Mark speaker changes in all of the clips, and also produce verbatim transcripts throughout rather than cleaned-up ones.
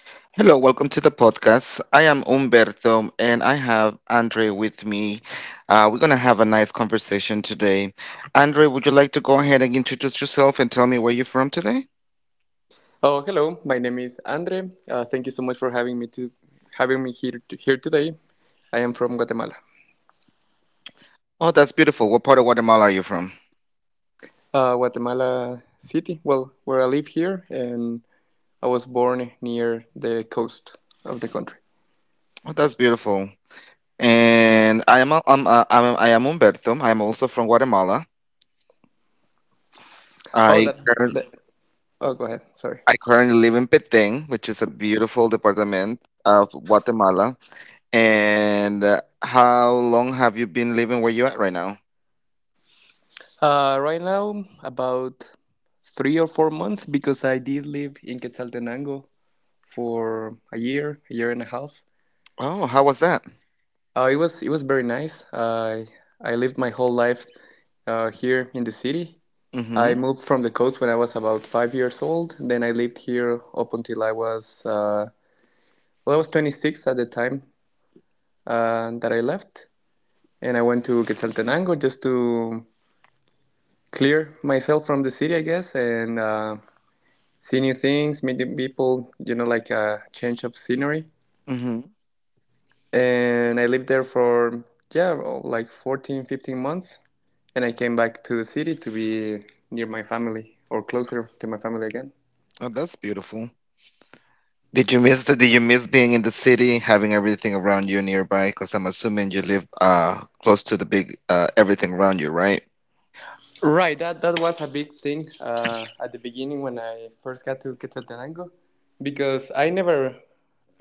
Speaker 1: Hello, welcome to the podcast. I am Umberto and I have Andre with me. Uh, we're going to have a nice conversation today. Andre, would you like to go ahead and introduce yourself and tell me where you're from today?
Speaker 2: Oh, hello. My name is Andre. Uh, thank you so much for having me to having me here to, here today. I am from Guatemala,
Speaker 1: Oh, that's beautiful. What part of Guatemala are you from?
Speaker 2: uh, Guatemala City. Well, where I live here, and I was born near the coast of the country.
Speaker 1: Oh, that's beautiful. And I am, I'm, uh, I'm, I am Umberto. I am also from Guatemala.
Speaker 2: Oh,
Speaker 1: I,
Speaker 2: that.
Speaker 1: curr-
Speaker 2: that oh, go ahead. Sorry.
Speaker 1: I currently live in Petén, which is a beautiful department of Guatemala. And uh, how long have you been living where you're at right now?
Speaker 2: Uh, right now, about three or four months, because I did live in Quetzaltenango for a year, a year and a half.
Speaker 1: Oh, how was that?
Speaker 2: Uh, it was it was very nice. I I lived my whole life uh, here in the city. I
Speaker 1: Mm-hmm.
Speaker 2: moved from the coast when I was about five years old. Then I lived here up until I was, uh, well, I was twenty-six at the time uh, that I left. And I went to Quetzaltenango just to clear myself from the city, I guess, and uh, see new things, meet new people, you know, like a change of scenery.
Speaker 1: Mm-hmm.
Speaker 2: And I lived there for, yeah, like fourteen, fifteen months. And I came back to the city to be near my family, or closer to my family again.
Speaker 1: Oh, that's beautiful. Did you miss the, did you miss being in the city, having everything around you nearby? Because I'm assuming you live uh close to the big uh everything around you, right?
Speaker 2: Right, that, that was a big thing uh, at the beginning when I first got to Quetzaltenango, because I never,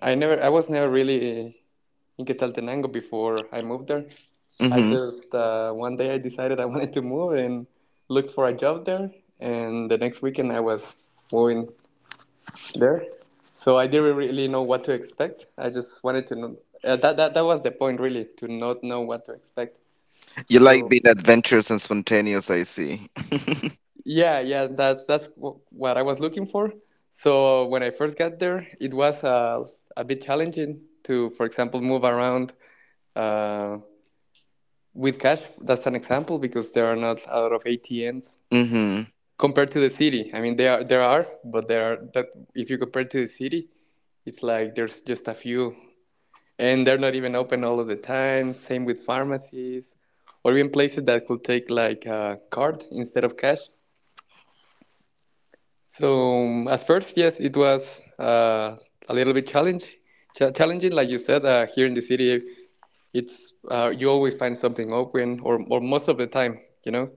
Speaker 2: I never, I was never really in Quetzaltenango before I moved there. I
Speaker 1: Mm-hmm.
Speaker 2: just uh, one day I decided I wanted to move and looked for a job there, and the next weekend I was moving there. So I didn't really know what to expect. I just wanted to know. Uh, that, that that was the point, really, to not know what to expect.
Speaker 1: You like
Speaker 2: So
Speaker 1: being adventurous and spontaneous, I see.
Speaker 2: yeah, yeah, that's that's wh- what I was looking for. So when I first got there, it was uh, a bit challenging to, for example, move around uh, with cash. That's an example, because there are not a lot of A T Ms
Speaker 1: Mm-hmm.
Speaker 2: compared to the city. I mean, there are, there are, but there are, that if you compare to the city, it's like there's just a few, and they're not even open all of the time. Same with pharmacies, or even places that could take like a card instead of cash. So at first, yes, it was uh, a little bit challenge, ch- challenging. Like you said, uh, here in the city, it's uh, you always find something open, or or most of the time, you know,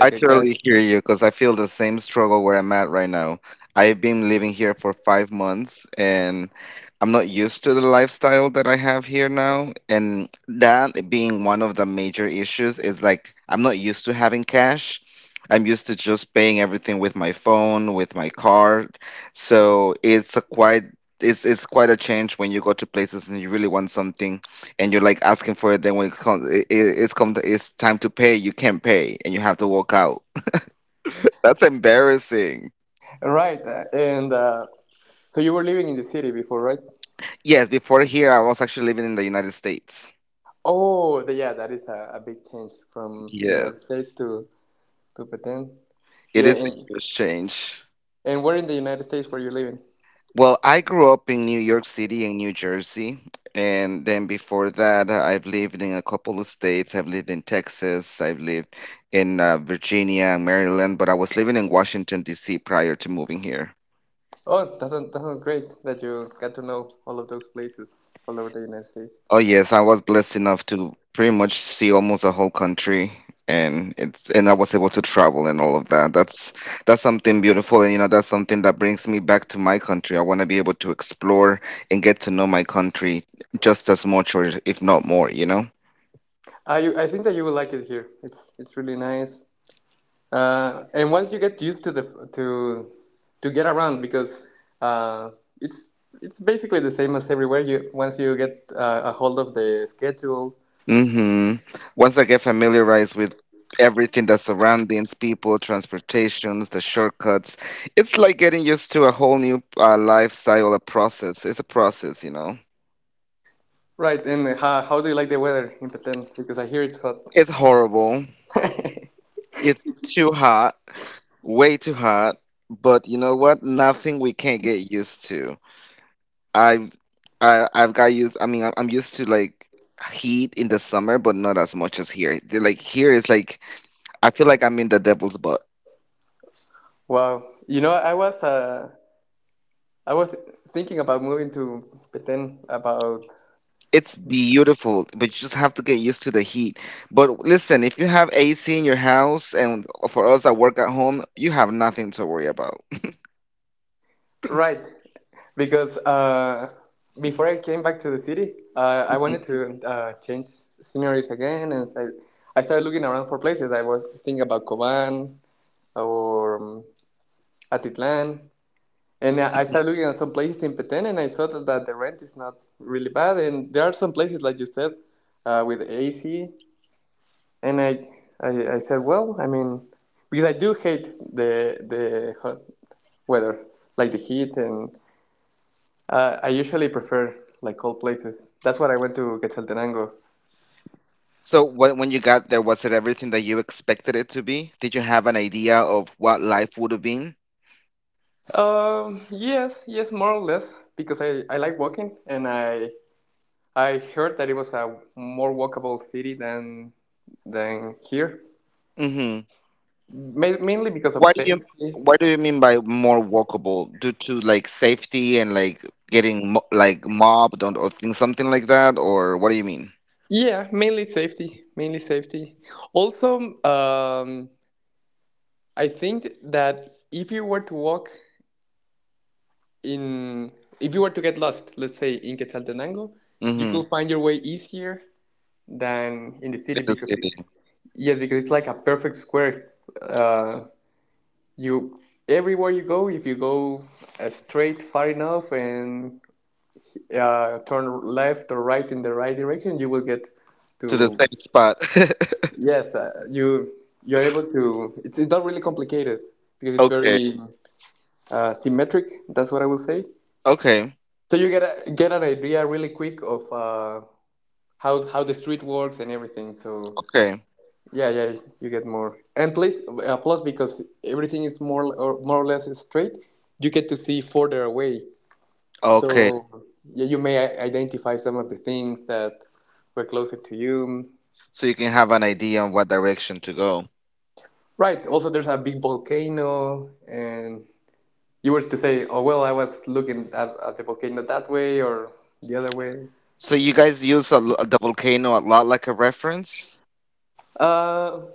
Speaker 1: I
Speaker 2: I guess.
Speaker 1: totally hear you because I feel the same struggle where I'm at right now. I've been living here for five months and I'm not used to the lifestyle that I have here now. And that being one of the major issues is like I'm not used to having cash. I'm used to just paying everything with my phone, with my card. So it's a quite it's it's quite a change when you go to places and you really want something and you're like asking for it. Then when it comes, it, it- it's come, it's time to pay. You can't pay, and you have to walk out. That's embarrassing.
Speaker 2: Right, uh, and uh, so you were living in the city before, right?
Speaker 1: Yes, before here, I was actually living in the United States.
Speaker 2: Oh, the, yeah, that is a, a big change from the United
Speaker 1: Yes,
Speaker 2: States to to Petén.
Speaker 1: it
Speaker 2: Yeah,
Speaker 1: is a
Speaker 2: and
Speaker 1: huge change.
Speaker 2: and where in the United States were you living?
Speaker 1: Well, I grew up in New York City and New Jersey, and then before that, I've lived in a couple of states. I've lived in Texas. I've lived in uh, Virginia and Maryland, but I was living in Washington D C prior to moving here.
Speaker 2: Oh, that sounds, that sounds great that you got to know all of those places all over the United States.
Speaker 1: Oh yes, I was blessed enough to pretty much see almost the whole country and it's and I was able to travel and all of that. That's that's something beautiful, and you know that's something that brings me back to my country. I want to be able to explore and get to know my country just as much or if not more, you know?
Speaker 2: I I think that you will like it here. It's it's really nice. Uh, and once you get used to the to to get around, because uh, it's it's basically the same as everywhere. You, once you get uh, a hold of the schedule,
Speaker 1: Hmm. Once I get familiarized with everything, that surroundings, people, transportations, the shortcuts, it's like getting used to a whole new uh, lifestyle, a process. It's a process, you know?
Speaker 2: right? And how how do you like the weather in Petén? Because I hear it's hot.
Speaker 1: It's horrible. It's too hot, way too hot. But you know what? Nothing we can't get used to. I've I, I've got used. I mean, I'm I'm used to like heat in the summer, but not as much as here. The- Like here is like I feel like I'm in the devil's butt.
Speaker 2: Wow. You know, I was uh, I was thinking about moving to Petén, about.
Speaker 1: It's beautiful, but you just have to get used to the heat. But listen, if you have A C in your house, and for us that work at home, you have nothing to worry about.
Speaker 2: Right, because uh, before I came back to the city, uh, I wanted to uh, change sceneries again, and so I, I started looking around for places. I was thinking about Coban or um, Atitlan, and I I started looking at some places in Petén, and I saw that, that the rent is not really bad, and there are some places, like you said, uh, with A C. And I, I I said, well, I mean, because I do hate the the hot weather, like the heat. And Uh, I usually prefer like cold places. That's what I went to Quetzaltenango.
Speaker 1: So when when you got there, was it everything that you expected it to be? Did you have an idea of what life would have been?
Speaker 2: Um, yes, yes, more or less, because I, I like walking, and I I heard that it was a more walkable city than than here.
Speaker 1: Hmm.
Speaker 2: Ma- mainly because of
Speaker 1: Why do you
Speaker 2: safety.
Speaker 1: why do you mean by more walkable? Due to like safety and like getting mo like mobbed, or, or things, something like that, or what do you mean?
Speaker 2: Yeah, mainly safety, mainly safety. Also, um, I think that if you were to walk in, if you were to get lost, let's say in Quetzaltenango, you
Speaker 1: Hmm.
Speaker 2: could find your way easier than in the
Speaker 1: To
Speaker 2: city,
Speaker 1: the
Speaker 2: because
Speaker 1: city,
Speaker 2: yes, because it's like a perfect square. Uh, you Everywhere you go, if you go uh, straight far enough and uh, turn left or right in the right direction, you will get
Speaker 1: to the
Speaker 2: to,
Speaker 1: same spot.
Speaker 2: yes. Uh, you you're able to. It's, it's not really complicated, because it's
Speaker 1: Okay,
Speaker 2: very uh, symmetric. That's what I will say.
Speaker 1: okay,
Speaker 2: So you get a, get an idea really quick of uh, how how the street works and everything. So
Speaker 1: okay,
Speaker 2: yeah, yeah, you get more. And plus, uh, plus because everything is more or more or less straight, you get to see further away. So
Speaker 1: okay.
Speaker 2: yeah, you may i- identify some of the things that were closer to you.
Speaker 1: So you can have an idea on what direction to go.
Speaker 2: Right. Also, there's a big volcano, and you were to say, "Oh well, I was looking at, at the volcano that way or the other way."
Speaker 1: So you guys use a, lo- the volcano a lot like a reference?
Speaker 2: Uh,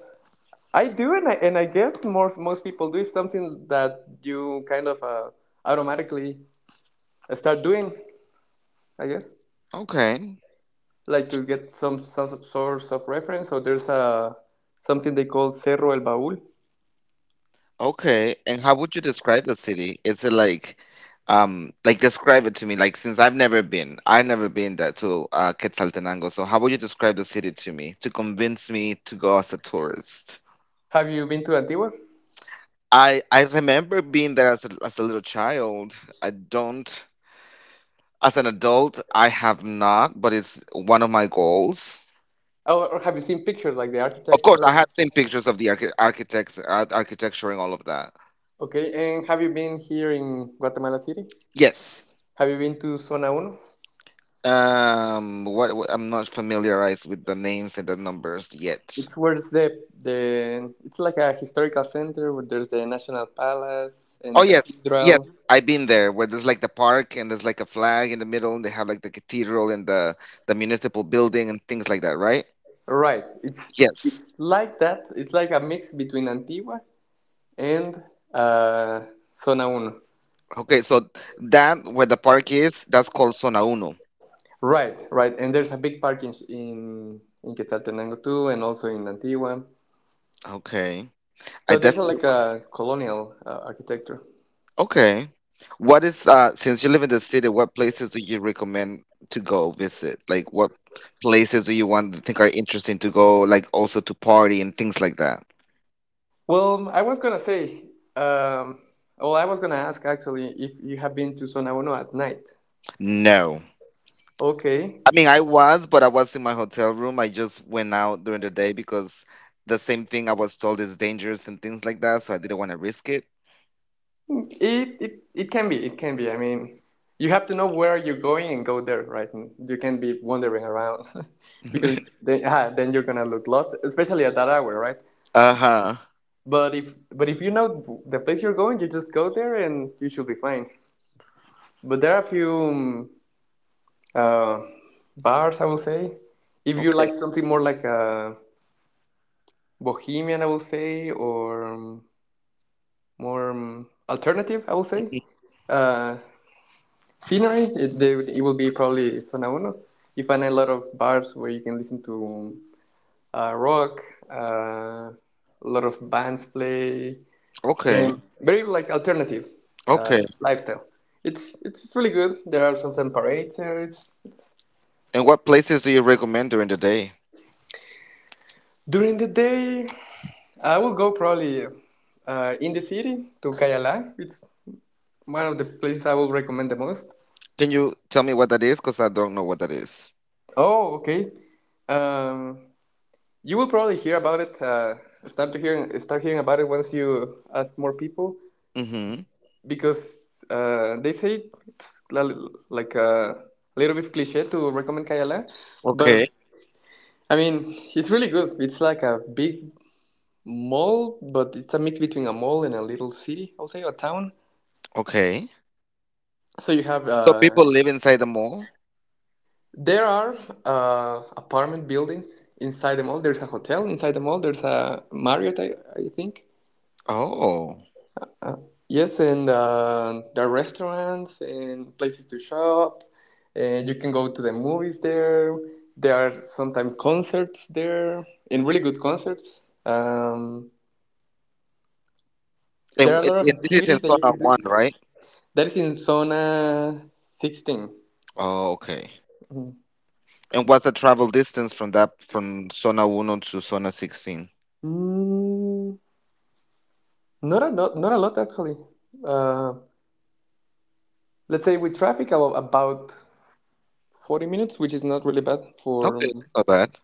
Speaker 2: I do, and I, and I guess more most people do. It's something that you kind of uh, automatically start doing, I guess.
Speaker 1: Okay.
Speaker 2: Like to get some some source of reference. So there's a something they call Cerro El Baúl.
Speaker 1: Okay, and how would you describe the city? Is it like, um, like describe it to me? Like, since I've never been, I've never been that to uh, Quetzaltenango. So how would you describe the city to me to convince me to go as a tourist?
Speaker 2: Have you been to Antigua?
Speaker 1: I I remember being there as a, as a little child. I don't as an adult. I have not, but it's one of my goals.
Speaker 2: Oh, or have you seen pictures, like the
Speaker 1: Of course, I
Speaker 2: architecture?
Speaker 1: have seen pictures of the archi architects, uh, architecture, and all of that.
Speaker 2: Okay, and have you been here in Guatemala City?
Speaker 1: Yes.
Speaker 2: Have you been to Zona Uno?
Speaker 1: Um, what, what I'm not familiarized with the names and the numbers yet.
Speaker 2: It's where it's the the it's like a historical center, where there's the National Palace and
Speaker 1: Oh
Speaker 2: the
Speaker 1: yes, yes,
Speaker 2: cathedral.
Speaker 1: I've been there where there's like the park and there's like a flag in the middle and they have like the cathedral and the the municipal building and things like that, right?
Speaker 2: Right. It's it's
Speaker 1: Yes.
Speaker 2: like that. It's like a mix between Antigua and uh, Zona Uno.
Speaker 1: Okay, so that, where the park is, that's called Zona Uno.
Speaker 2: Right, right. And there's a big park in in, in Quetzaltenango too, and also in Antigua.
Speaker 1: Okay. I
Speaker 2: So there's a,
Speaker 1: definitely.
Speaker 2: like a colonial uh, architecture.
Speaker 1: Okay. What is uh Since you live in the city, what places do you recommend to go visit? Like, what places do you want to think are interesting to go, like also to party and things like that?
Speaker 2: Well, I was gonna say, um, well, I was gonna ask, actually, if you have been to Sonabono at night.
Speaker 1: No.
Speaker 2: Okay,
Speaker 1: I mean, I was, but I was in my hotel room. I just went out during the day because the same thing, I was told is dangerous and things like that, so I didn't want to risk it.
Speaker 2: it, it it can be, it can be. I mean, you have to know where you're going and go there, right? And you can't be wandering around because then, ah, then you're gonna look lost, especially at that hour, right?
Speaker 1: Uh-huh.
Speaker 2: But if but if you know the place you're going, you just go there, and you should be fine. But there are a few um, uh, bars, I will say. If you
Speaker 1: Okay.
Speaker 2: like something more like uh, bohemian, I will say, or um, more um, alternative, I will say. Uh, Scenery, it, they, would- it will be probably Zona Uno. You find a lot of bars where you can listen to uh, rock. Uh, a lot of bands play
Speaker 1: Okay.
Speaker 2: um, very like alternative uh,
Speaker 1: Okay.
Speaker 2: lifestyle. It's, it's it's really good. There are some sun parades there. It's, it's
Speaker 1: And what places do you recommend during the day?
Speaker 2: during the day. I will go probably uh, in the city to Cayala. It's one of the places I will recommend the most.
Speaker 1: Can you tell me what that is? Because I don't know what that is.
Speaker 2: Oh, okay. Um, you will probably hear about it. Uh, start to hear start hearing about it once you ask more people,
Speaker 1: Mm-hmm.
Speaker 2: because uh, they say it's li- like a little bit cliche to recommend Kayala, but
Speaker 1: Okay,
Speaker 2: I mean, it's really good. It's like a big mall, but it's a mix between a mall and a little city, I would say, or town.
Speaker 1: okay.
Speaker 2: So you have,
Speaker 1: So
Speaker 2: uh,
Speaker 1: people live inside the mall?
Speaker 2: there are uh, apartment buildings inside the mall. There's a hotel inside the mall. There's a Marriott, I, I think.
Speaker 1: Oh.
Speaker 2: Uh, yes, and uh, there are restaurants and places to shop. And you can go to the movies there. There are sometimes concerts there, and really good concerts. Um, there
Speaker 1: And,
Speaker 2: are a
Speaker 1: and
Speaker 2: lot of
Speaker 1: and this is in
Speaker 2: activities that you
Speaker 1: Sona
Speaker 2: can do.
Speaker 1: One, right?
Speaker 2: That is in zona sixteen.
Speaker 1: Oh, okay. And what's the travel distance from that from Sona Uno to Sona sixteen?
Speaker 2: Mm, not, a lot, not a lot, actually. Uh, let's say with traffic, about, forty minutes, which is not really bad for,
Speaker 1: Okay, that's not bad.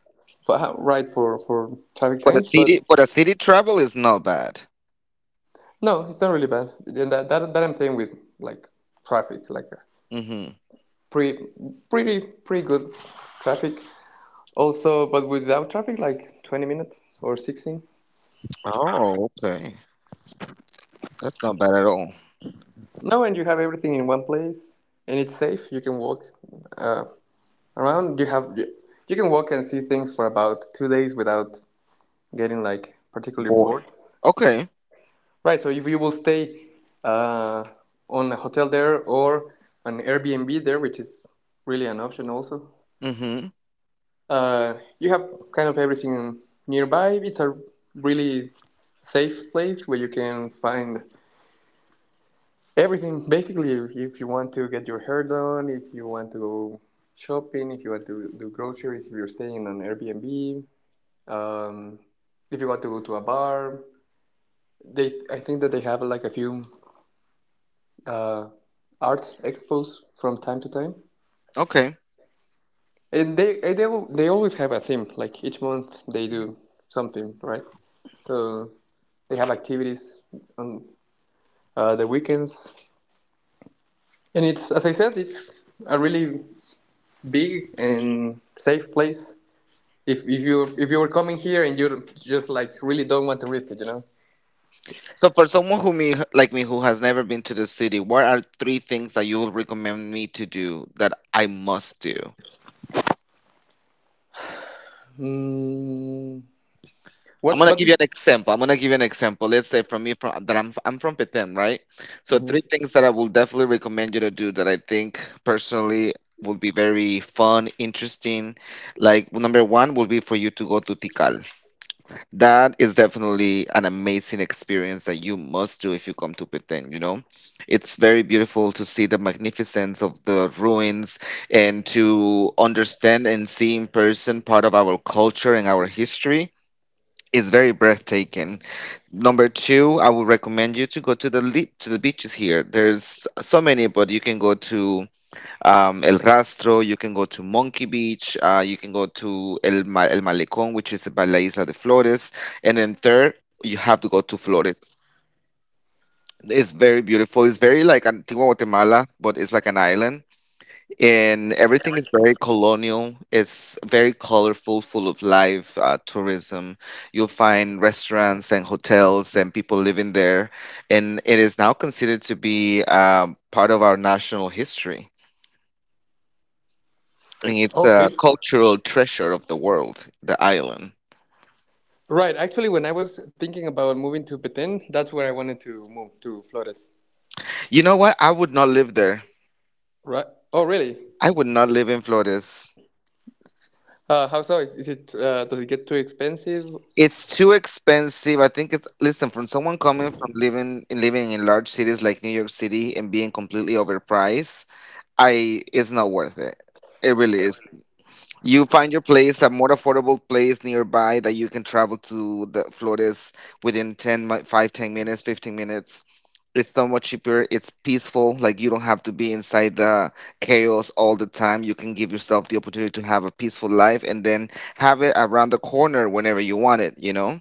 Speaker 2: for uh, right for, for traffic
Speaker 1: For the
Speaker 2: time. But
Speaker 1: city, for the city travel is not bad.
Speaker 2: no, it's not really bad. Yeah, That, that, that I'm saying with like traffic, like
Speaker 1: Mm-hmm.
Speaker 2: pretty, pretty, pretty good traffic. Also, but without traffic, like twenty minutes or sixteen.
Speaker 1: Oh, okay. That's not bad at all.
Speaker 2: No, and you have everything in one place, and it's safe. You can walk uh, around you have you can walk and see things for about two days without getting like particularly
Speaker 1: Or
Speaker 2: bored,
Speaker 1: okay.
Speaker 2: right? So if you will stay uh, on a hotel there or an Airbnb there, which is really an option also,
Speaker 1: Mm-hmm.
Speaker 2: uh, you have kind of everything nearby. It's a really safe place where you can find everything basically. If if you want to get your hair done, if you want to go shopping, if you want to do groceries if you're staying on Airbnb, um, if you want to go to a bar, they, I think that they have like a few uh, art expos from time to time,
Speaker 1: Okay.
Speaker 2: and they they, they always have a theme, like each month they do something, right? So they have activities on uh, the weekends, and it's, as I said, it's a really big and safe place. If, if you if you were coming here and you just like really don't want to risk it you know
Speaker 1: So for someone who me like me who has never been to the city, what are three things that you would recommend me to do that I must do?
Speaker 2: Hmm.
Speaker 1: I'm
Speaker 2: what
Speaker 1: gonna
Speaker 2: what
Speaker 1: give
Speaker 2: do
Speaker 1: you
Speaker 2: you?
Speaker 1: an example. I'm gonna give you an example. Let's say from me from that I'm I'm from Petén, right? So three
Speaker 2: Mhm.
Speaker 1: things that I will definitely recommend you to do that I think personally would be very fun, interesting. Like, number one will be for you to go to Tikal. That is definitely an amazing experience that you must do if you come to Petén, you know? It's very beautiful to see the magnificence of the ruins and to understand and see in person part of our culture and our history. It's very breathtaking. Number two, I would recommend you to go to the li- to the beaches here. There's so many, but you can go to um, El Rastro, you can go to Monkey Beach, uh, you can go to El Ma- El Malecón, which is by La Isla de Flores, and then third, you have to go to Flores. It's very beautiful. It's very like Antigua Guatemala, but it's like an island. And everything is very colonial. It's very colorful, full of life, uh, tourism. You'll find restaurants and hotels and people living there. And it is now considered to be um, part of our national history. And it's a
Speaker 2: Okay.
Speaker 1: cultural treasure of the world, the island.
Speaker 2: Right. Actually, when I was thinking about moving to Petén, that's where I wanted to move, to Flores.
Speaker 1: You know what? I would not live there.
Speaker 2: Right. Oh, really?
Speaker 1: I would not live in Flores.
Speaker 2: Uh, how so? Is, is it uh, Does it get too expensive?
Speaker 1: It's too expensive. I think it's listen, from someone coming from living, living in large cities like New York City, and being completely overpriced, I it's not worth it. It really is. You find your place, a more affordable place nearby that you can travel to the Flores within ten, mi- five, ten minutes, fifteen minutes. It's so much cheaper. It's peaceful. Like, you don't have to be inside the chaos all the time. You can give yourself the opportunity to have a peaceful life and then have it around the corner whenever you want it, you know?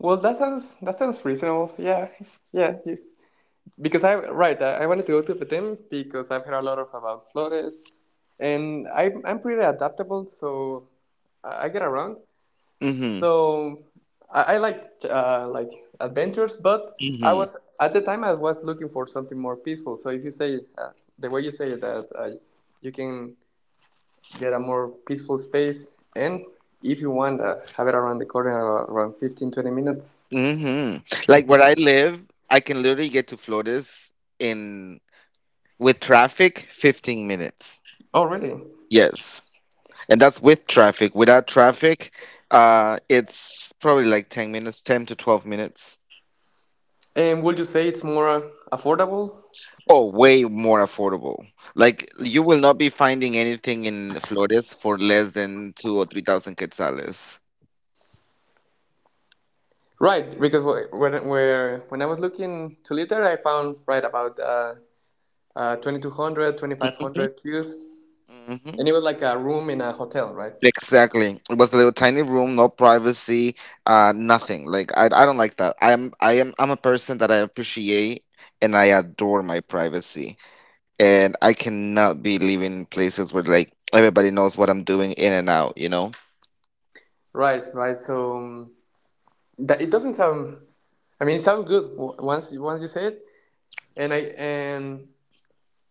Speaker 2: Well, that sounds that sounds reasonable. Yeah, yeah. you- Because I, right, I, I wanted to go to Petén because I've heard a lot of about Flores, and I'm I'm pretty adaptable, so I I get around.
Speaker 1: Mm-hmm.
Speaker 2: So I, I liked, uh, like adventures, but I
Speaker 1: Mm-hmm.
Speaker 2: was at the time I was looking for something more peaceful. So if you say, uh, the way you say that, uh, you can get a more peaceful space, and if you want, uh, have it around the corner, uh, around fifteen twenty minutes.
Speaker 1: Mm-hmm. Like,
Speaker 2: Mhm.
Speaker 1: where I live, I can literally get to Flores in with traffic, fifteen minutes.
Speaker 2: Oh, really?
Speaker 1: Yes. And that's with traffic. Without traffic, uh, it's probably like ten minutes, ten to twelve minutes.
Speaker 2: And would you say it's more uh, affordable?
Speaker 1: Oh, way more affordable. Like, you will not be finding anything in Flores for less than two or three thousand quetzales.
Speaker 2: Right, because wh- when where when I was looking to litter, I found, right, about uh, uh, twenty-two hundred cues.
Speaker 1: Hmm. Hmm.
Speaker 2: And it was like a room in a hotel, right?
Speaker 1: Exactly. It was a little tiny room, no privacy, uh, nothing. Like, I, I don't like that. I'm, I am, I'm a person that I appreciate and I adore my privacy, and I cannot be living places where like everybody knows what I'm doing in and out, you know?
Speaker 2: Right, right. So, um, that it doesn't sound. I mean, it sounds good once once you say it. And I and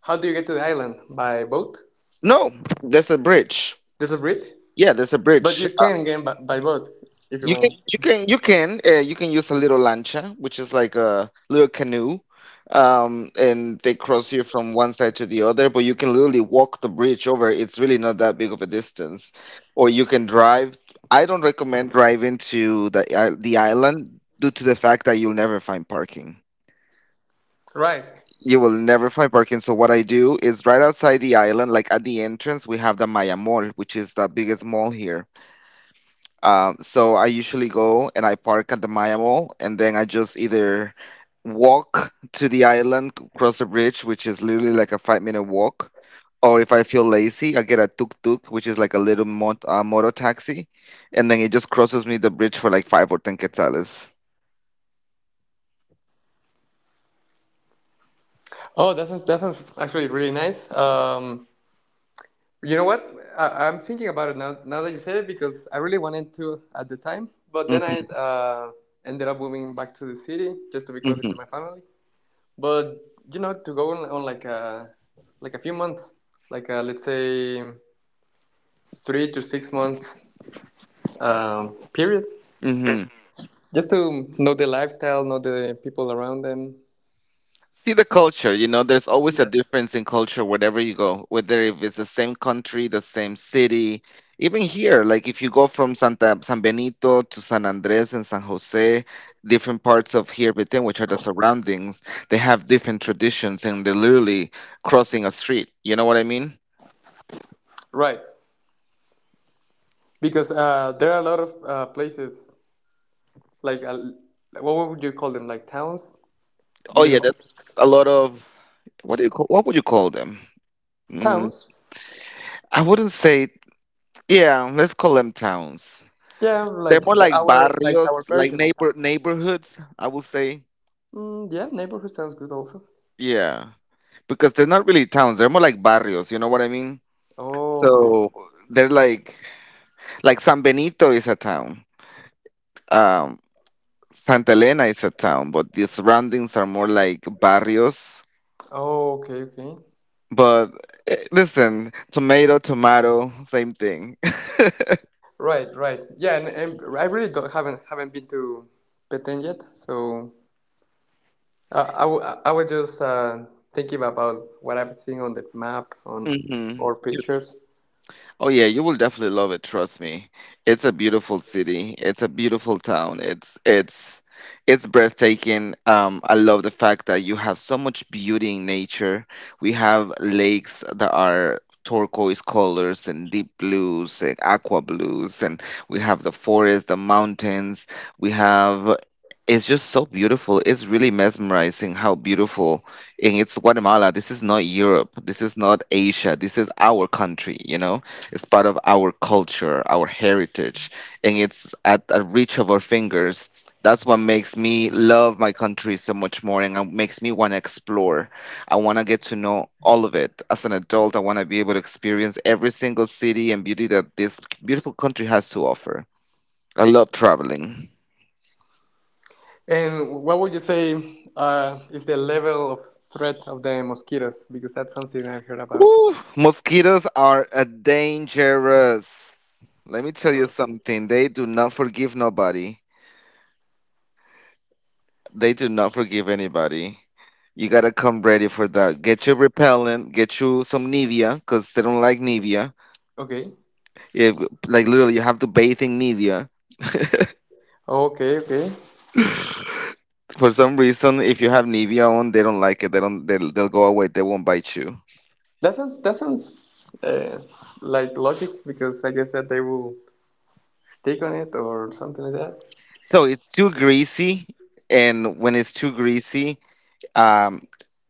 Speaker 2: how do you get to the island by boat?
Speaker 1: No, there's a bridge.
Speaker 2: There's a bridge,
Speaker 1: Yeah, there's a
Speaker 2: but
Speaker 1: bridge.
Speaker 2: you
Speaker 1: Uh,
Speaker 2: can get by, by boat if you
Speaker 1: you can,
Speaker 2: want.
Speaker 1: you can you can uh, you can use a little lancha, which is like a little canoe, um, and they cross you from one side to the other. But you can literally walk the bridge over. It's really not that big of a distance, or you can drive. I don't recommend driving to the i- the island due to the fact that you'll never find parking.
Speaker 2: Right.
Speaker 1: You will never find parking. So what I do is right outside the island, like at the entrance, we have the Maya Mall, which is the biggest mall here. Um, so I usually go and I park at the Maya Mall, and then I just either walk to the island, c- cross the bridge, which is literally like a five minute walk, or if I feel lazy, I get a tuk-tuk, which is like a little mot uh, motor taxi, and then it just crosses me the bridge for like five or ten quetzales.
Speaker 2: Oh, that sounds that sounds actually really nice. Um, you know what? I, I'm thinking about it now. Now that you say it, because I really wanted to at the time, but then I,
Speaker 1: hmm
Speaker 2: uh, ended up moving back to the city just to be closer to my family. But, you know, to go on, on like a like a few months, like a, let's say three to six months um, period,
Speaker 1: hmm
Speaker 2: just to know the lifestyle, know the people around them.
Speaker 1: See the culture, you know, there's always a
Speaker 2: Yeah.
Speaker 1: difference in culture wherever you go, whether if it's the same country, the same city, even here, like if you go from Santa San Benito to San Andres and San Jose, different parts of here within which are the surroundings, they have different traditions and they're literally crossing a street. You know what I mean?
Speaker 2: Right, because uh, there are a lot of uh, places like, uh, what would you call them? Like towns?
Speaker 1: Oh
Speaker 2: Because
Speaker 1: yeah,
Speaker 2: I
Speaker 1: that's a lot of what do you call what would you call them? Mm,
Speaker 2: towns.
Speaker 1: I wouldn't say yeah, let's call them towns.
Speaker 2: Yeah,
Speaker 1: They're more
Speaker 2: like the,
Speaker 1: like
Speaker 2: our like our
Speaker 1: barrios, like
Speaker 2: version of
Speaker 1: neighbor
Speaker 2: towns.
Speaker 1: neighborhoods, I would say.
Speaker 2: Mm, yeah, neighborhood sounds good also.
Speaker 1: Yeah, because they're not really towns. They're more like barrios. You know what I mean?
Speaker 2: Oh, okay.
Speaker 1: So they're like like San Benito is a town. Um, Santa Elena is a town, but the surroundings are more like barrios.
Speaker 2: Oh, okay, okay.
Speaker 1: But eh, listen, tomato, tomato, same thing.
Speaker 2: Right, right. Yeah, and, and I really don't haven't haven't been to Petén yet, so I, I, w- I was just uh, thinking about what I've seen on the map, on
Speaker 1: hmm
Speaker 2: or pictures.
Speaker 1: Oh yeah, you will definitely love it, trust me. It's a beautiful city. It's a beautiful town. It's it's it's breathtaking. Um, I love the fact that you have so much beauty in nature. We have lakes that are turquoise colors and deep blues and aqua blues, and we have the forest, the mountains. We have it's just so beautiful. It's really mesmerizing how beautiful. And it's Guatemala. This is not Europe. This is not Asia. This is our country, you know? It's part of our culture, our heritage, and it's at a reach of our fingers. That's what makes me love my country so much more and it makes me want to explore. I want to get to know all of it. As an adult, I want to be able to experience every single city and beauty that this beautiful country has to offer. I love traveling.
Speaker 2: And what would you say uh, is the level of threat of the mosquitoes? Because that's something I've heard about.
Speaker 1: Ooh, mosquitoes are a dangerous. Let me tell you
Speaker 2: Or-
Speaker 1: something. They do not forgive nobody. They do not forgive anybody. You gotta come ready for that. Get your repellent, get you some Nivea, because they don't like Nivea.
Speaker 2: Okay,
Speaker 1: If like literally you have to bathe in Nivea.
Speaker 2: okay, okay.
Speaker 1: For some reason, if you have Nivea on, they don't like it. They don't they'll, they'll go away. They won't bite you.
Speaker 2: That sounds that sounds, uh, like logic, because I guess that they will stick on it or something like that.
Speaker 1: So it's too greasy, and when it's too greasy, um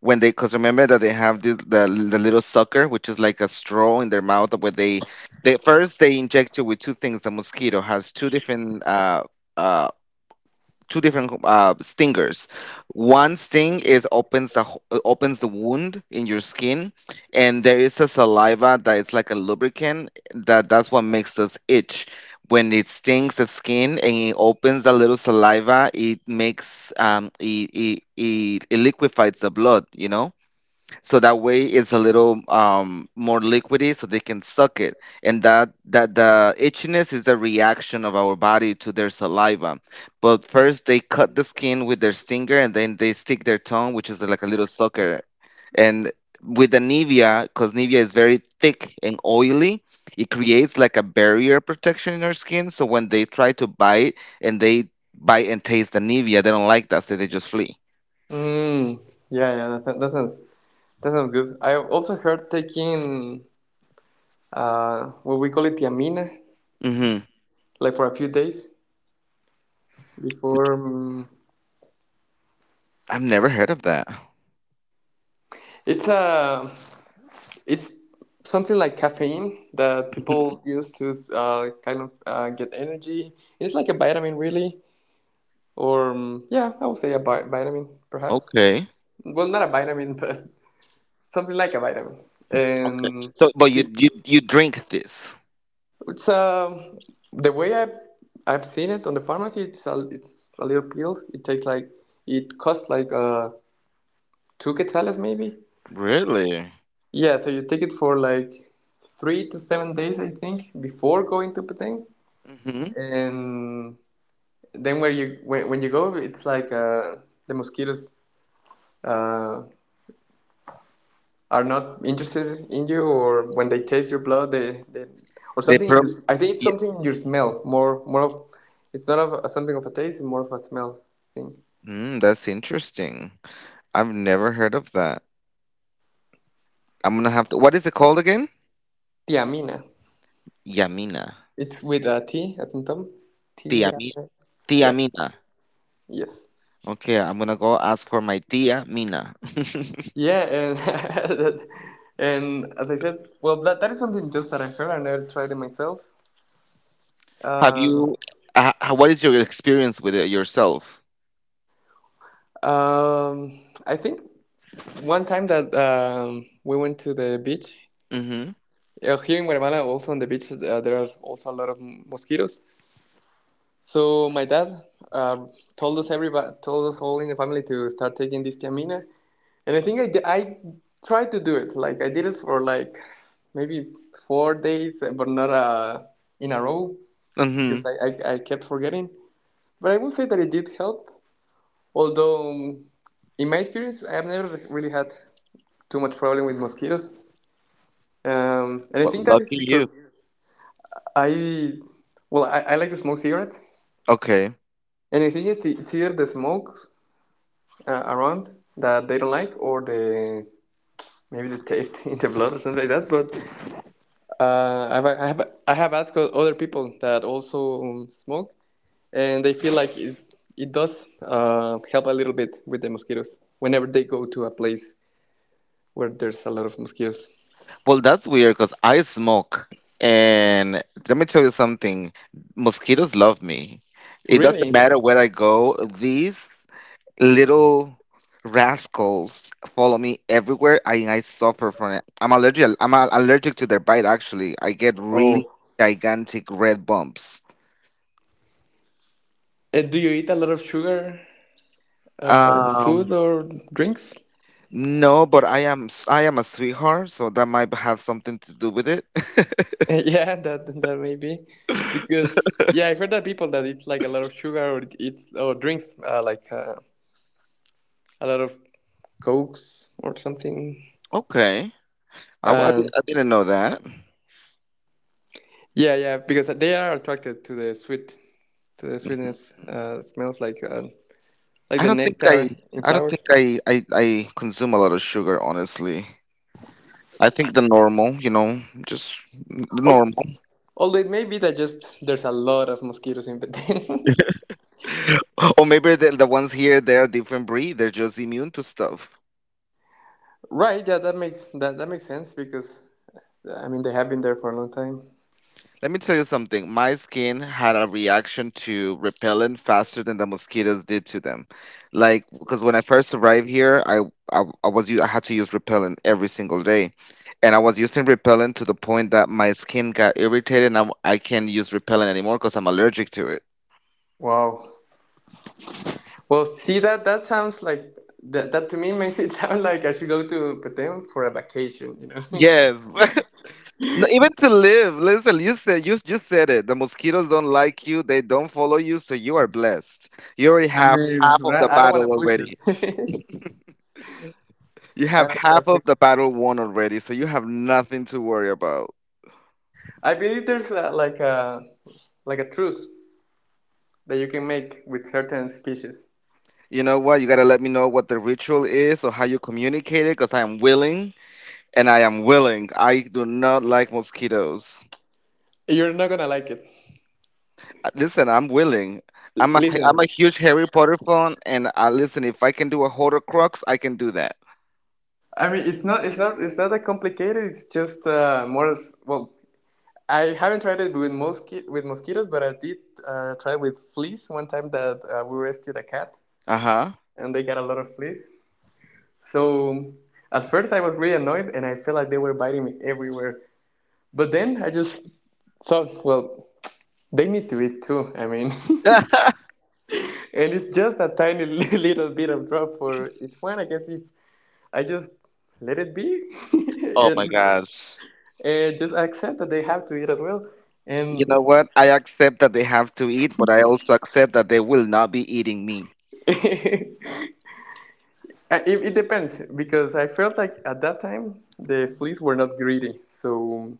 Speaker 1: when they because remember that they have this, the the little sucker which is like a straw in their mouth where they they first they inject you with two things the mosquito has two different uh, uh two different uh, stingers. One sting is opens the ho- uh, opens the wound in your skin, and there is a saliva that is like a lubricant that that's what makes us itch. When it stings the skin and it opens a little saliva, it makes um it it, it, it, liquefies the blood, you know so that way it's a little um, more liquidy so they can suck it and that that the itchiness is a reaction of our body to their saliva but first they cut the skin with their stinger and then they stick their tongue which is like a little sucker and with the Nivea, because Nivea is very thick and oily, it creates like a barrier protection in our skin. So when they try to bite and they bite and taste the Nivea, they don't like that, so they just flee.
Speaker 2: Mm, yeah, yeah, that, sound- that sounds that sounds good. I also heard taking, uh, what we call it tiamina,
Speaker 1: Mm-hmm.
Speaker 2: like for a few days before. Um,
Speaker 1: I've never heard of that.
Speaker 2: it's a it's something like caffeine that people use to, uh, kind of, uh, get energy. It's like a vitamin, really, or um, yeah, I would say a bi- vitamin, perhaps.
Speaker 1: Okay.
Speaker 2: Well, not a vitamin, but something like a vitamin,
Speaker 1: Okay.
Speaker 2: and.
Speaker 1: So, but you you you drink this?
Speaker 2: It's um The way I have I've seen it on the pharmacy, it's a it's a little pill. It takes like it costs like, uh two quetzales maybe.
Speaker 1: Really?
Speaker 2: Yeah, so you take it for like three to seven days, I think, before going to Petén,
Speaker 1: Mm-hmm.
Speaker 2: and then where you when, when you go, it's like, uh the mosquitoes, uh are not interested in you, or when they taste your blood, they, they or
Speaker 1: They
Speaker 2: something in
Speaker 1: pro.
Speaker 2: your, I think it's
Speaker 1: Yeah.
Speaker 2: something in your smell, more more of, it's not of something of a taste, it's more of a smell thing.
Speaker 1: Mm, that's interesting. I've never heard of that. I'm gonna have to. What is it called again?
Speaker 2: Tiamina,
Speaker 1: Yamina.
Speaker 2: it's with a t at some tom t.
Speaker 1: Tia Mi- Tia
Speaker 2: Yeah,
Speaker 1: Mina.
Speaker 2: yes,
Speaker 1: Okay, I'm gonna go ask for my Tia Mina.
Speaker 2: yeah. And and, as I said, well, that, that is something just that I heard. I never tried it myself.
Speaker 1: Have
Speaker 2: uh,
Speaker 1: you? Uh, h- what is your experience with it yourself?
Speaker 2: um I think one time that, um we went to the beach.
Speaker 1: Mm-hmm.
Speaker 2: Uh, here in Guatemala, also on the beach, uh, there are also a lot of mosquitoes. So my dad, uh, told us everybody, told us all in the family to start taking this tiamina, and I think I, I tried to do it. Like I did it for like maybe four days, but not, uh, in a row,
Speaker 1: Mm-hmm.
Speaker 2: because I, I, I kept forgetting. But I would say that it did help, although, um, in my experience, I have never really had too much problem with mosquitoes, um, and I
Speaker 1: Well,
Speaker 2: think that is
Speaker 1: lucky you.
Speaker 2: because I well, I, I like to smoke cigarettes,
Speaker 1: Okay.
Speaker 2: and I think it's, it's either the smoke, uh, around, that they don't like, or the maybe the taste in the blood or something like that. But, uh, I've, I have I have asked other people that also, um, smoke, and they feel like it it does, uh, help a little bit with the mosquitoes whenever they go to a place where there's a lot of mosquitoes.
Speaker 1: Well, that's weird because I smoke. And let me tell you something mosquitoes love me. It doesn't
Speaker 2: Really?
Speaker 1: matter where I go, these little rascals follow me everywhere. I, I suffer from it. I'm allergic. I'm a- allergic to their bite, actually. I get really
Speaker 2: Oh.
Speaker 1: gigantic red bumps.
Speaker 2: Uh, do you eat a lot of sugar, uh, food
Speaker 1: Um,
Speaker 2: or drinks?
Speaker 1: no, but I am s- I am a sweetheart, so that might have something to do with it.
Speaker 2: Yeah, that that may be because, yeah, I've heard that people that eat like a lot of sugar, or eat or drinks, uh, like, uh, a lot of cokes or something.
Speaker 1: Okay. I, w- I, did,
Speaker 2: Um,
Speaker 1: I didn't know that.
Speaker 2: yeah, yeah, because they are attracted to the sweet to the sweetness. Uh, smells like, uh, like
Speaker 1: I
Speaker 2: the
Speaker 1: don't think I
Speaker 2: nectar in
Speaker 1: I don't think
Speaker 2: flowers.
Speaker 1: I, I I consume a lot of sugar, honestly. I think the normal, you know, just n-
Speaker 2: Al-
Speaker 1: normal.
Speaker 2: Although it may be that just there's a lot of mosquitoes in Beten.
Speaker 1: Or maybe the, the ones here, they're a different breed. They're just immune to stuff.
Speaker 2: Right? Yeah, that makes that that makes sense because, I mean, they have been there for a long time.
Speaker 1: Let me tell you something. My skin had a reaction to repellent faster than the mosquitoes did to them. Like, because when I first arrived here, I, I I was u- I had to use repellent every single day, and I was using repellent to the point that my skin got irritated, and I, I can't use repellent anymore because I'm allergic to it.
Speaker 2: Wow. Well, see that that sounds like that, that, to me, makes it sound like I should go to Petén for a vacation, you know.
Speaker 1: Yes, No, even to live. Listen, you said you you said it. The mosquitoes don't like you. They don't follow you, so you are blessed. You already
Speaker 2: I
Speaker 1: have
Speaker 2: mean,
Speaker 1: half of
Speaker 2: right,
Speaker 1: the
Speaker 2: I don't want to
Speaker 1: battle
Speaker 2: push
Speaker 1: already.
Speaker 2: it.
Speaker 1: You
Speaker 2: I
Speaker 1: have
Speaker 2: don't want to
Speaker 1: half of
Speaker 2: push it.
Speaker 1: the battle won already, so you have nothing to worry about.
Speaker 2: I believe there's a, like a like a truce that you can make with certain species.
Speaker 1: You know what? You gotta let me know what the ritual is or how you communicate it, because I am willing, and I am willing. I do not like mosquitoes.
Speaker 2: You're not gonna like it.
Speaker 1: Uh, Listen, I'm willing.
Speaker 2: L-
Speaker 1: I'm a I'm
Speaker 2: Listen,
Speaker 1: a huge Harry Potter fan, and uh, listen, if I can do a Horcrux, I can do that.
Speaker 2: I mean, it's not it's not it's not that complicated. It's just, uh, more of, well. I haven't tried it with mosqui- with mosquitoes, but I did, uh, try with fleas one time that, uh, we rescued a cat
Speaker 1: Uh huh.
Speaker 2: and they got a lot of fleas. So at first I was really annoyed and I felt like they were biting me everywhere. But then I just thought, well, they need to eat too. I mean, and it's just a tiny little bit of drop for each one. I guess if I just let it be,
Speaker 1: oh my
Speaker 2: and,
Speaker 1: gosh.
Speaker 2: and just accept that they have to eat as well.
Speaker 1: You
Speaker 2: And
Speaker 1: know what? I accept that they have to eat, but I also accept that they will not be eating me.
Speaker 2: it, it depends, because I felt like at that time the fleas were not greedy. So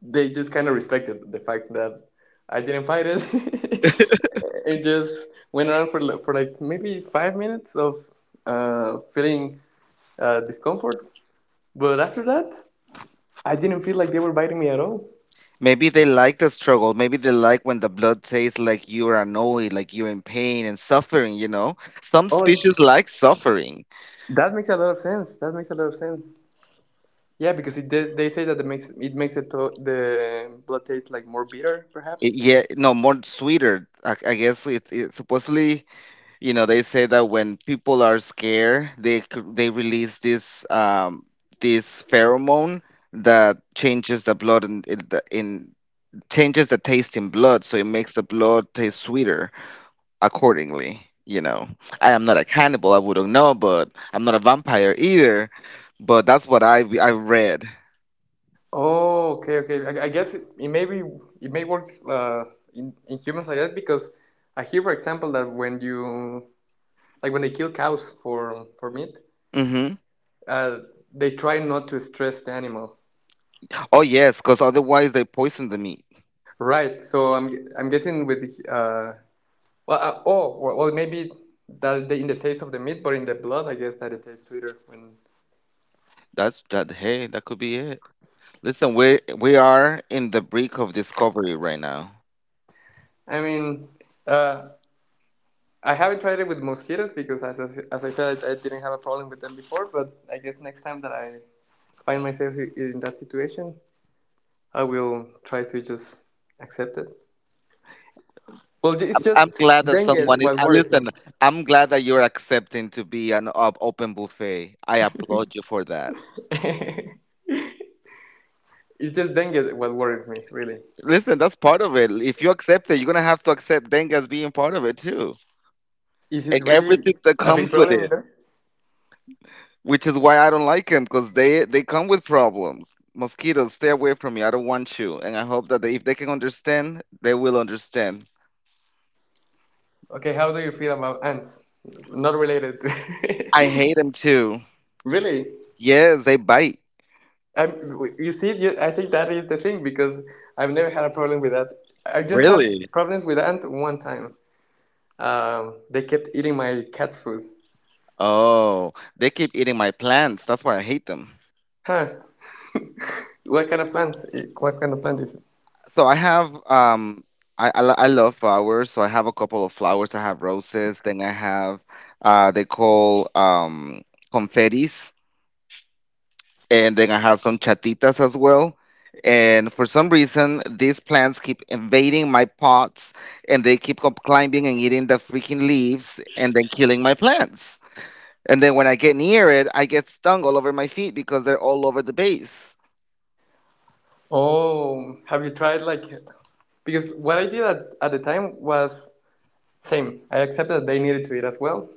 Speaker 2: they just kind of respected the fact that I didn't fight it, and just went around for li- for like maybe five minutes of, uh, feeling, uh, discomfort. But after that, I didn't feel like they were biting me at all.
Speaker 1: Maybe they like the struggle. Maybe they like when the blood tastes like you're annoyed, like you're in pain and suffering, you know? Some
Speaker 2: Oh,
Speaker 1: species like suffering.
Speaker 2: that makes a lot of sense. That makes a lot of sense. Yeah, because it, they, they say that it makes it makes the to- the blood taste like more bitter,
Speaker 1: It,
Speaker 2: perhaps.
Speaker 1: yeah, no, more sweeter. I, I guess it, it supposedly, you know, they say that when people are scared, they c- they release this um this pheromone that changes the blood and in, in, the- in changes the taste in blood, so it makes the blood taste sweeter. Accordingly. You know, I am not a cannibal. I wouldn't know, but I'm not a vampire either. But that's what I I read.
Speaker 2: Oh, okay, okay. I, I guess it, it may be it may work, uh, in in humans like that, because I hear, for example, that when you like when they kill cows for for meat,
Speaker 1: hmm
Speaker 2: uh, they try not to stress the animal.
Speaker 1: Oh yes, because otherwise they poison the meat.
Speaker 2: Right. So I'm I'm guessing with the, uh well, uh, oh well, well, maybe that the, in the taste of the meat, but in the blood, I guess that it tastes sweeter. When
Speaker 1: That's that. Hey, that could be it. Listen, we we are in the brink of discovery right now.
Speaker 2: I mean, uh, I haven't tried it with mosquitoes because as I, as I said, I didn't have a problem with them before. But I guess next time that I find myself in that situation, I will try to just accept it. Well,
Speaker 1: I'm,
Speaker 2: it's just
Speaker 1: I'm glad that
Speaker 2: dengue
Speaker 1: someone is.
Speaker 2: what
Speaker 1: Uh,
Speaker 2: worried me.
Speaker 1: listen, I'm glad that you're accepting to be an op- open buffet. I applaud you for that.
Speaker 2: It's just dengue what worried me, really.
Speaker 1: Listen, that's part of it. If you accept it, you're gonna have to accept Dengue as being part of it too.
Speaker 2: Is
Speaker 1: And
Speaker 2: it really
Speaker 1: everything that
Speaker 2: a
Speaker 1: comes
Speaker 2: big
Speaker 1: with
Speaker 2: problem
Speaker 1: it,
Speaker 2: there?
Speaker 1: which is why I don't like them because they they come with problems. Mosquitoes, stay away from me. I don't want you. And I hope that they, if they can understand, they will understand.
Speaker 2: Okay, how do you feel about ants? Not related to.
Speaker 1: I hate them too.
Speaker 2: Really?
Speaker 1: Yes, they bite.
Speaker 2: I'm, you see, I think that is the thing because I've never had a problem with that. I just had
Speaker 1: Really?
Speaker 2: problems with ants one time. Um, they kept eating my cat food.
Speaker 1: Oh, they keep eating my plants. That's why I hate them.
Speaker 2: Huh. What kind of plants? What kind of plant is it?
Speaker 1: So I have um I, I, lo- I love flowers, so I have a couple of flowers. I have roses, then I have uh they call um confettis. And they're gonna have some chatitas as well. And for some reason, these plants keep invading my pots, and they keep com- climbing and eating the freaking leaves, and then killing my plants. And then when I get near it, I get stung all over my feet because they're all over the base.
Speaker 2: Oh, have you tried like? Because what I did at, at the time was same. I accepted that they needed to eat as well,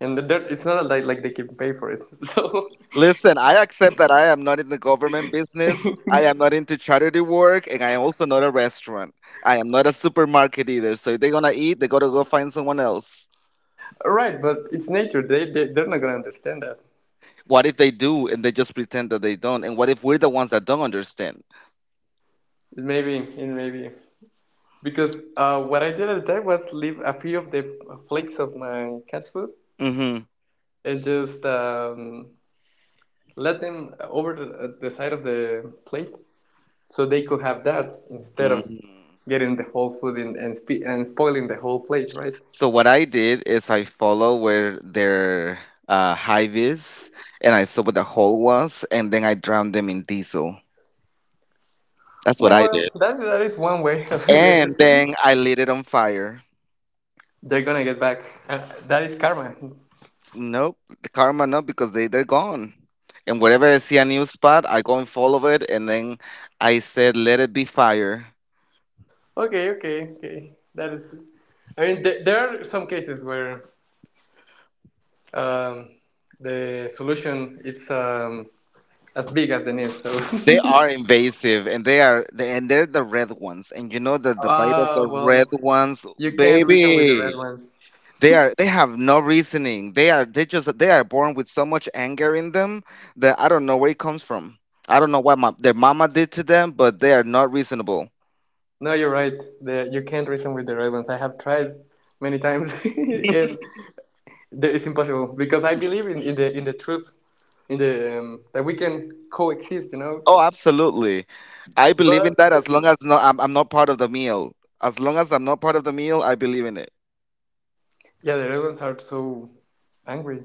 Speaker 2: and it's not like like they can pay for it. So
Speaker 1: Listen, I accept that I am not in the government business. I am not into charity work, and I am also not a restaurant. I am not a supermarket either. So if they're gonna eat, they gotta go find someone else.
Speaker 2: right, but it's nature. They, they they're not gonna understand that.
Speaker 1: What if they do and they just pretend that they don't? And what if we're the ones that don't understand?
Speaker 2: It may be. It may be. Because, uh, what I did at the time was leave a few of the flakes of my cat food
Speaker 1: Mm-hmm.
Speaker 2: and just, um, let them over the, uh, the side of the plate so they could have that instead of
Speaker 1: Mm.
Speaker 2: getting the whole food and and, spe- and spoiling the whole plate, right?
Speaker 1: So what I did is I follow where their uh, hive is, and I saw where the hole was, and then I drowned them in diesel. That's what I
Speaker 2: Well,
Speaker 1: did.
Speaker 2: that that is one way of
Speaker 1: And
Speaker 2: getting.
Speaker 1: then I lit it on fire.
Speaker 2: They're gonna get back. Uh, that is karma.
Speaker 1: Nope, the karma no, because they they're gone. And wherever I see a new spot, I go and follow it, and then I said, "Let it be fire."
Speaker 2: Okay, okay, okay. That is. I mean, there, there are some cases where um, the solution it's um, as big as the need. So,
Speaker 1: They are invasive, and they are the- and they're the red ones. And you know that the bite of
Speaker 2: ah,
Speaker 1: the red
Speaker 2: well,
Speaker 1: ones,
Speaker 2: you can't reason with the
Speaker 1: baby,
Speaker 2: red ones.
Speaker 1: they are they have no reasoning. They are they just they are born with so much anger in them that I don't know where it comes from. I don't know what my, their mama did to them, but they are not reasonable.
Speaker 2: No, you're right. The, you can't reason with the red ones. I have tried many times, and it's impossible because I believe in, in the in the truth, in the um, that we can coexist, you know.
Speaker 1: Oh, absolutely. I believe in
Speaker 2: But
Speaker 1: that as long as no, I'm, I'm not part of the meal. As long as I'm not part of the meal, I believe in it.
Speaker 2: yeah, the rebels are so angry.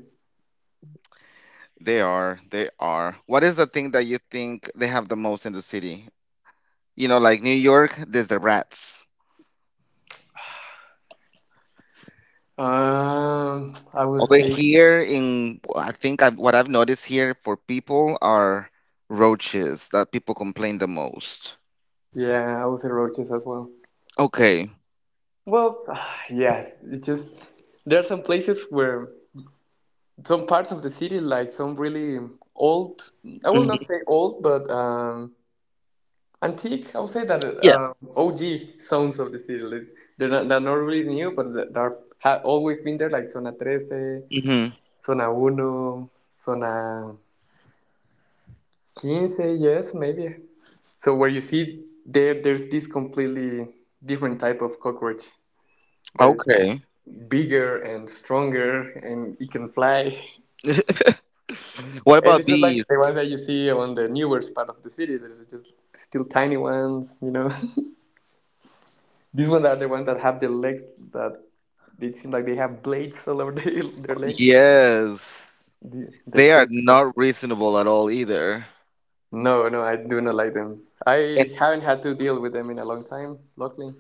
Speaker 1: They are. They are. What is the thing that you think they have the most in the city? You know, like, New York, there's the rats.
Speaker 2: Um, I would
Speaker 1: Over
Speaker 2: say
Speaker 1: here in, I think I've, what I've noticed here for people are roaches that people complain the most.
Speaker 2: yeah, I would say roaches as well.
Speaker 1: Okay.
Speaker 2: Well, yes, it just there are some places where some parts of the city, like some really old, I will not
Speaker 1: Mhm.
Speaker 2: say old, but um, antique, I would say that
Speaker 1: Yeah.
Speaker 2: uh, O G sounds of the serial. It- They're not, they're not really new, but they- they're have always been there, like Zona thirteen,
Speaker 1: hmm
Speaker 2: Zona one, Zona fifteen, yes, maybe. So where you see there, there's this completely different type of cockroach that it's
Speaker 1: Okay.
Speaker 2: bigger and stronger and it can fly.
Speaker 1: What
Speaker 2: And
Speaker 1: about
Speaker 2: it's not like the
Speaker 1: bees?
Speaker 2: ones that you see on the newer part of the city. There's just still tiny ones, you know. These ones are the ones that have the legs that they seem like they have blades all over their, their legs.
Speaker 1: Yes.
Speaker 2: The, the
Speaker 1: They are
Speaker 2: crazy ones.
Speaker 1: not reasonable at all either.
Speaker 2: No, no, I do not like them. I
Speaker 1: And
Speaker 2: haven't had to deal with them in a long time, luckily,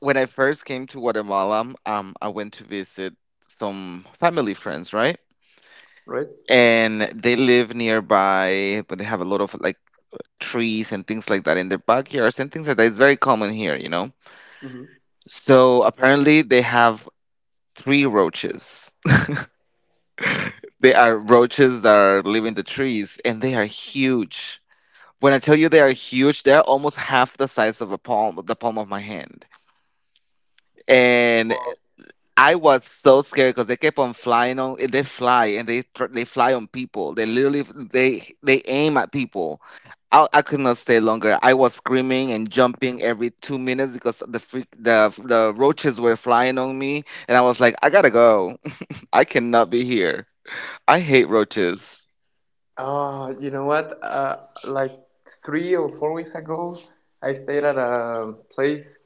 Speaker 1: when I first came to Guatemala, um, I went to visit some family friends, right?
Speaker 2: right?
Speaker 1: And they live nearby, but they have a lot of like trees and things like that in their backyards and things like that. It's very common here, you know.
Speaker 2: Hmm.
Speaker 1: So apparently they have three roaches. They are roaches that are live in the trees and they are huge. When I tell you they are huge, they're almost half the size of a palm, the palm of my hand. And
Speaker 2: Well,
Speaker 1: I was so scared because they kept on flying on. They fly and they tr- they fly on people. They literally they they aim at people. I, I could not stay longer. I was screaming and jumping every two minutes because the freak the the roaches were flying on me, and I was like, I gotta go. I cannot be here. I hate roaches.
Speaker 2: uh, you know what? Uh, like three or four weeks ago, I stayed at a place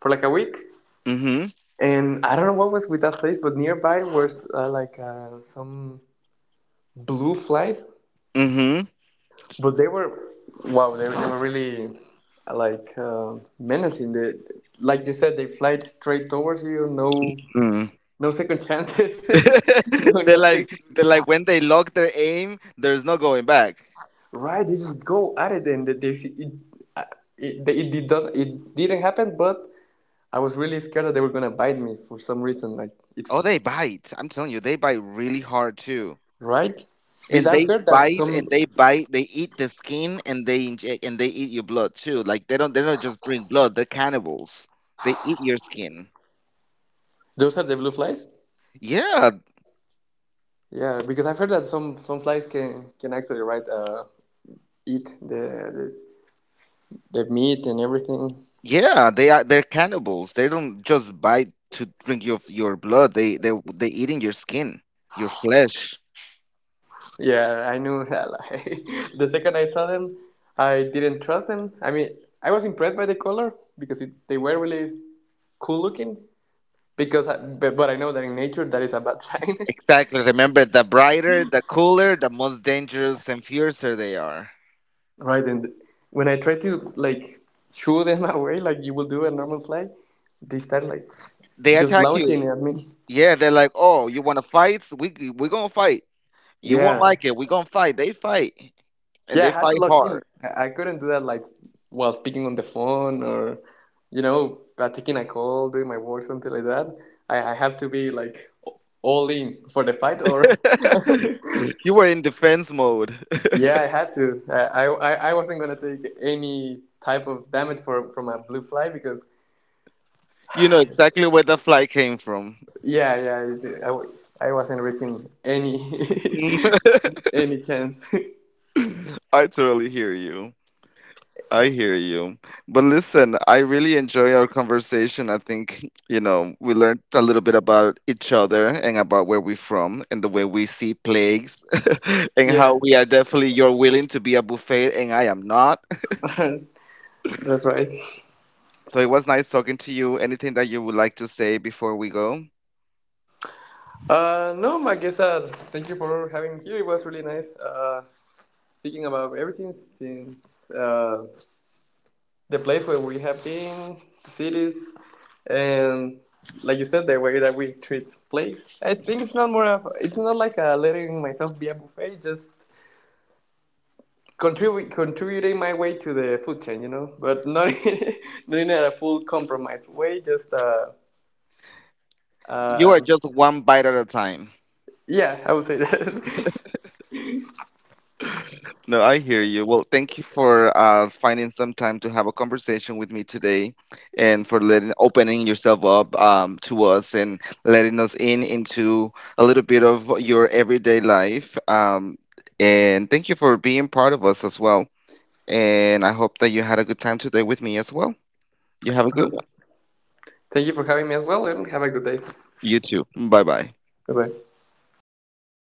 Speaker 2: for like a week,
Speaker 1: Mhm.
Speaker 2: and I don't know what was with that place, but nearby was uh, like uh, some blue flies.
Speaker 1: Mhm.
Speaker 2: But they were wow. They, they were really like uh, menacing. They, like you said, they fly straight towards you. No,
Speaker 1: Mm.
Speaker 2: no second chances. no
Speaker 1: They're like
Speaker 2: nothing.
Speaker 1: they're like, when they lock their aim, there's no going back.
Speaker 2: Right? They just go at it, and they, they it, uh, it, they- it did not. It didn't happen. But I was really scared that they were gonna bite me for some reason. Like it,
Speaker 1: Oh, they bite. I'm telling you, they bite really hard too.
Speaker 2: right? Because
Speaker 1: And
Speaker 2: I've
Speaker 1: they
Speaker 2: heard that
Speaker 1: bite, and
Speaker 2: some
Speaker 1: they bite they eat the skin, and they inject and they eat your blood too. Like, they don't they don't just drink blood, they're cannibals. They eat your skin.
Speaker 2: those are the blue flies.
Speaker 1: Yeah,
Speaker 2: Yeah, because I've heard that some some flies can can actually right uh eat the this. The meat and everything.
Speaker 1: yeah, they are. They're cannibals. They don't just bite to drink your your blood, they they they eating your skin, your flesh,
Speaker 2: Yeah, I knew. Like, the second I saw them, I didn't trust them. I mean, I was impressed by the color because it, they were really cool looking. Because, I, but, but I know that in nature that is a bad sign,
Speaker 1: exactly. Remember, the brighter, the cooler, the most dangerous and fiercer they are,
Speaker 2: right? And when I try to like shoo them away, like you will do a normal fly, they start like
Speaker 1: they
Speaker 2: just
Speaker 1: attack you.
Speaker 2: launching at me.
Speaker 1: Yeah, they're like, oh, you want to fight, we we gonna fight, you won't
Speaker 2: Yeah,
Speaker 1: like it, we're gonna fight. They fight and
Speaker 2: yeah, I
Speaker 1: they
Speaker 2: had to
Speaker 1: fight
Speaker 2: log in.
Speaker 1: hard.
Speaker 2: I I couldn't do that like while speaking on the phone or, you know, by taking a call, doing my work, something like that. I, I have to be like all in for the fight or
Speaker 1: You were in defense mode.
Speaker 2: yeah, I had to. I, I, I wasn't gonna take any type of damage from from a blue fly because
Speaker 1: You know exactly where the fly came from.
Speaker 2: yeah, yeah, I, I, I wasn't risking any any chance.
Speaker 1: I totally hear you. I hear you. But listen, I really enjoy our conversation. I think, you know, we learned a little bit about each other and about where we're from and the way we see plagues and how
Speaker 2: Yeah,
Speaker 1: we are definitely, you're willing to be a buffet and I am not.
Speaker 2: that's right.
Speaker 1: So it was nice talking to you. Anything that you would like to say before we go?
Speaker 2: Uh, no, I guess uh, thank you for having me here. It was really nice uh, speaking about everything since uh, the place where we have been, cities, and like you said, the way that we treat place. I think it's not more of it's not like uh, letting myself be a buffet, just contribu contributing my way to the food chain, you know, but not in, not in a full compromise way. Just uh,
Speaker 1: You are
Speaker 2: um
Speaker 1: just one bite at a time.
Speaker 2: yeah, I would say that.
Speaker 1: No, I hear you. Well, thank you for uh, finding some time to have a conversation with me today, and for letting opening yourself up um, to us and letting us in into a little bit of your everyday life. Um, and thank you for being part of us as well. And I hope that you had a good time today with me as well. You have a good one.
Speaker 2: thank you for having me as well, and have a good day.
Speaker 1: You too. Bye bye.
Speaker 2: Bye bye.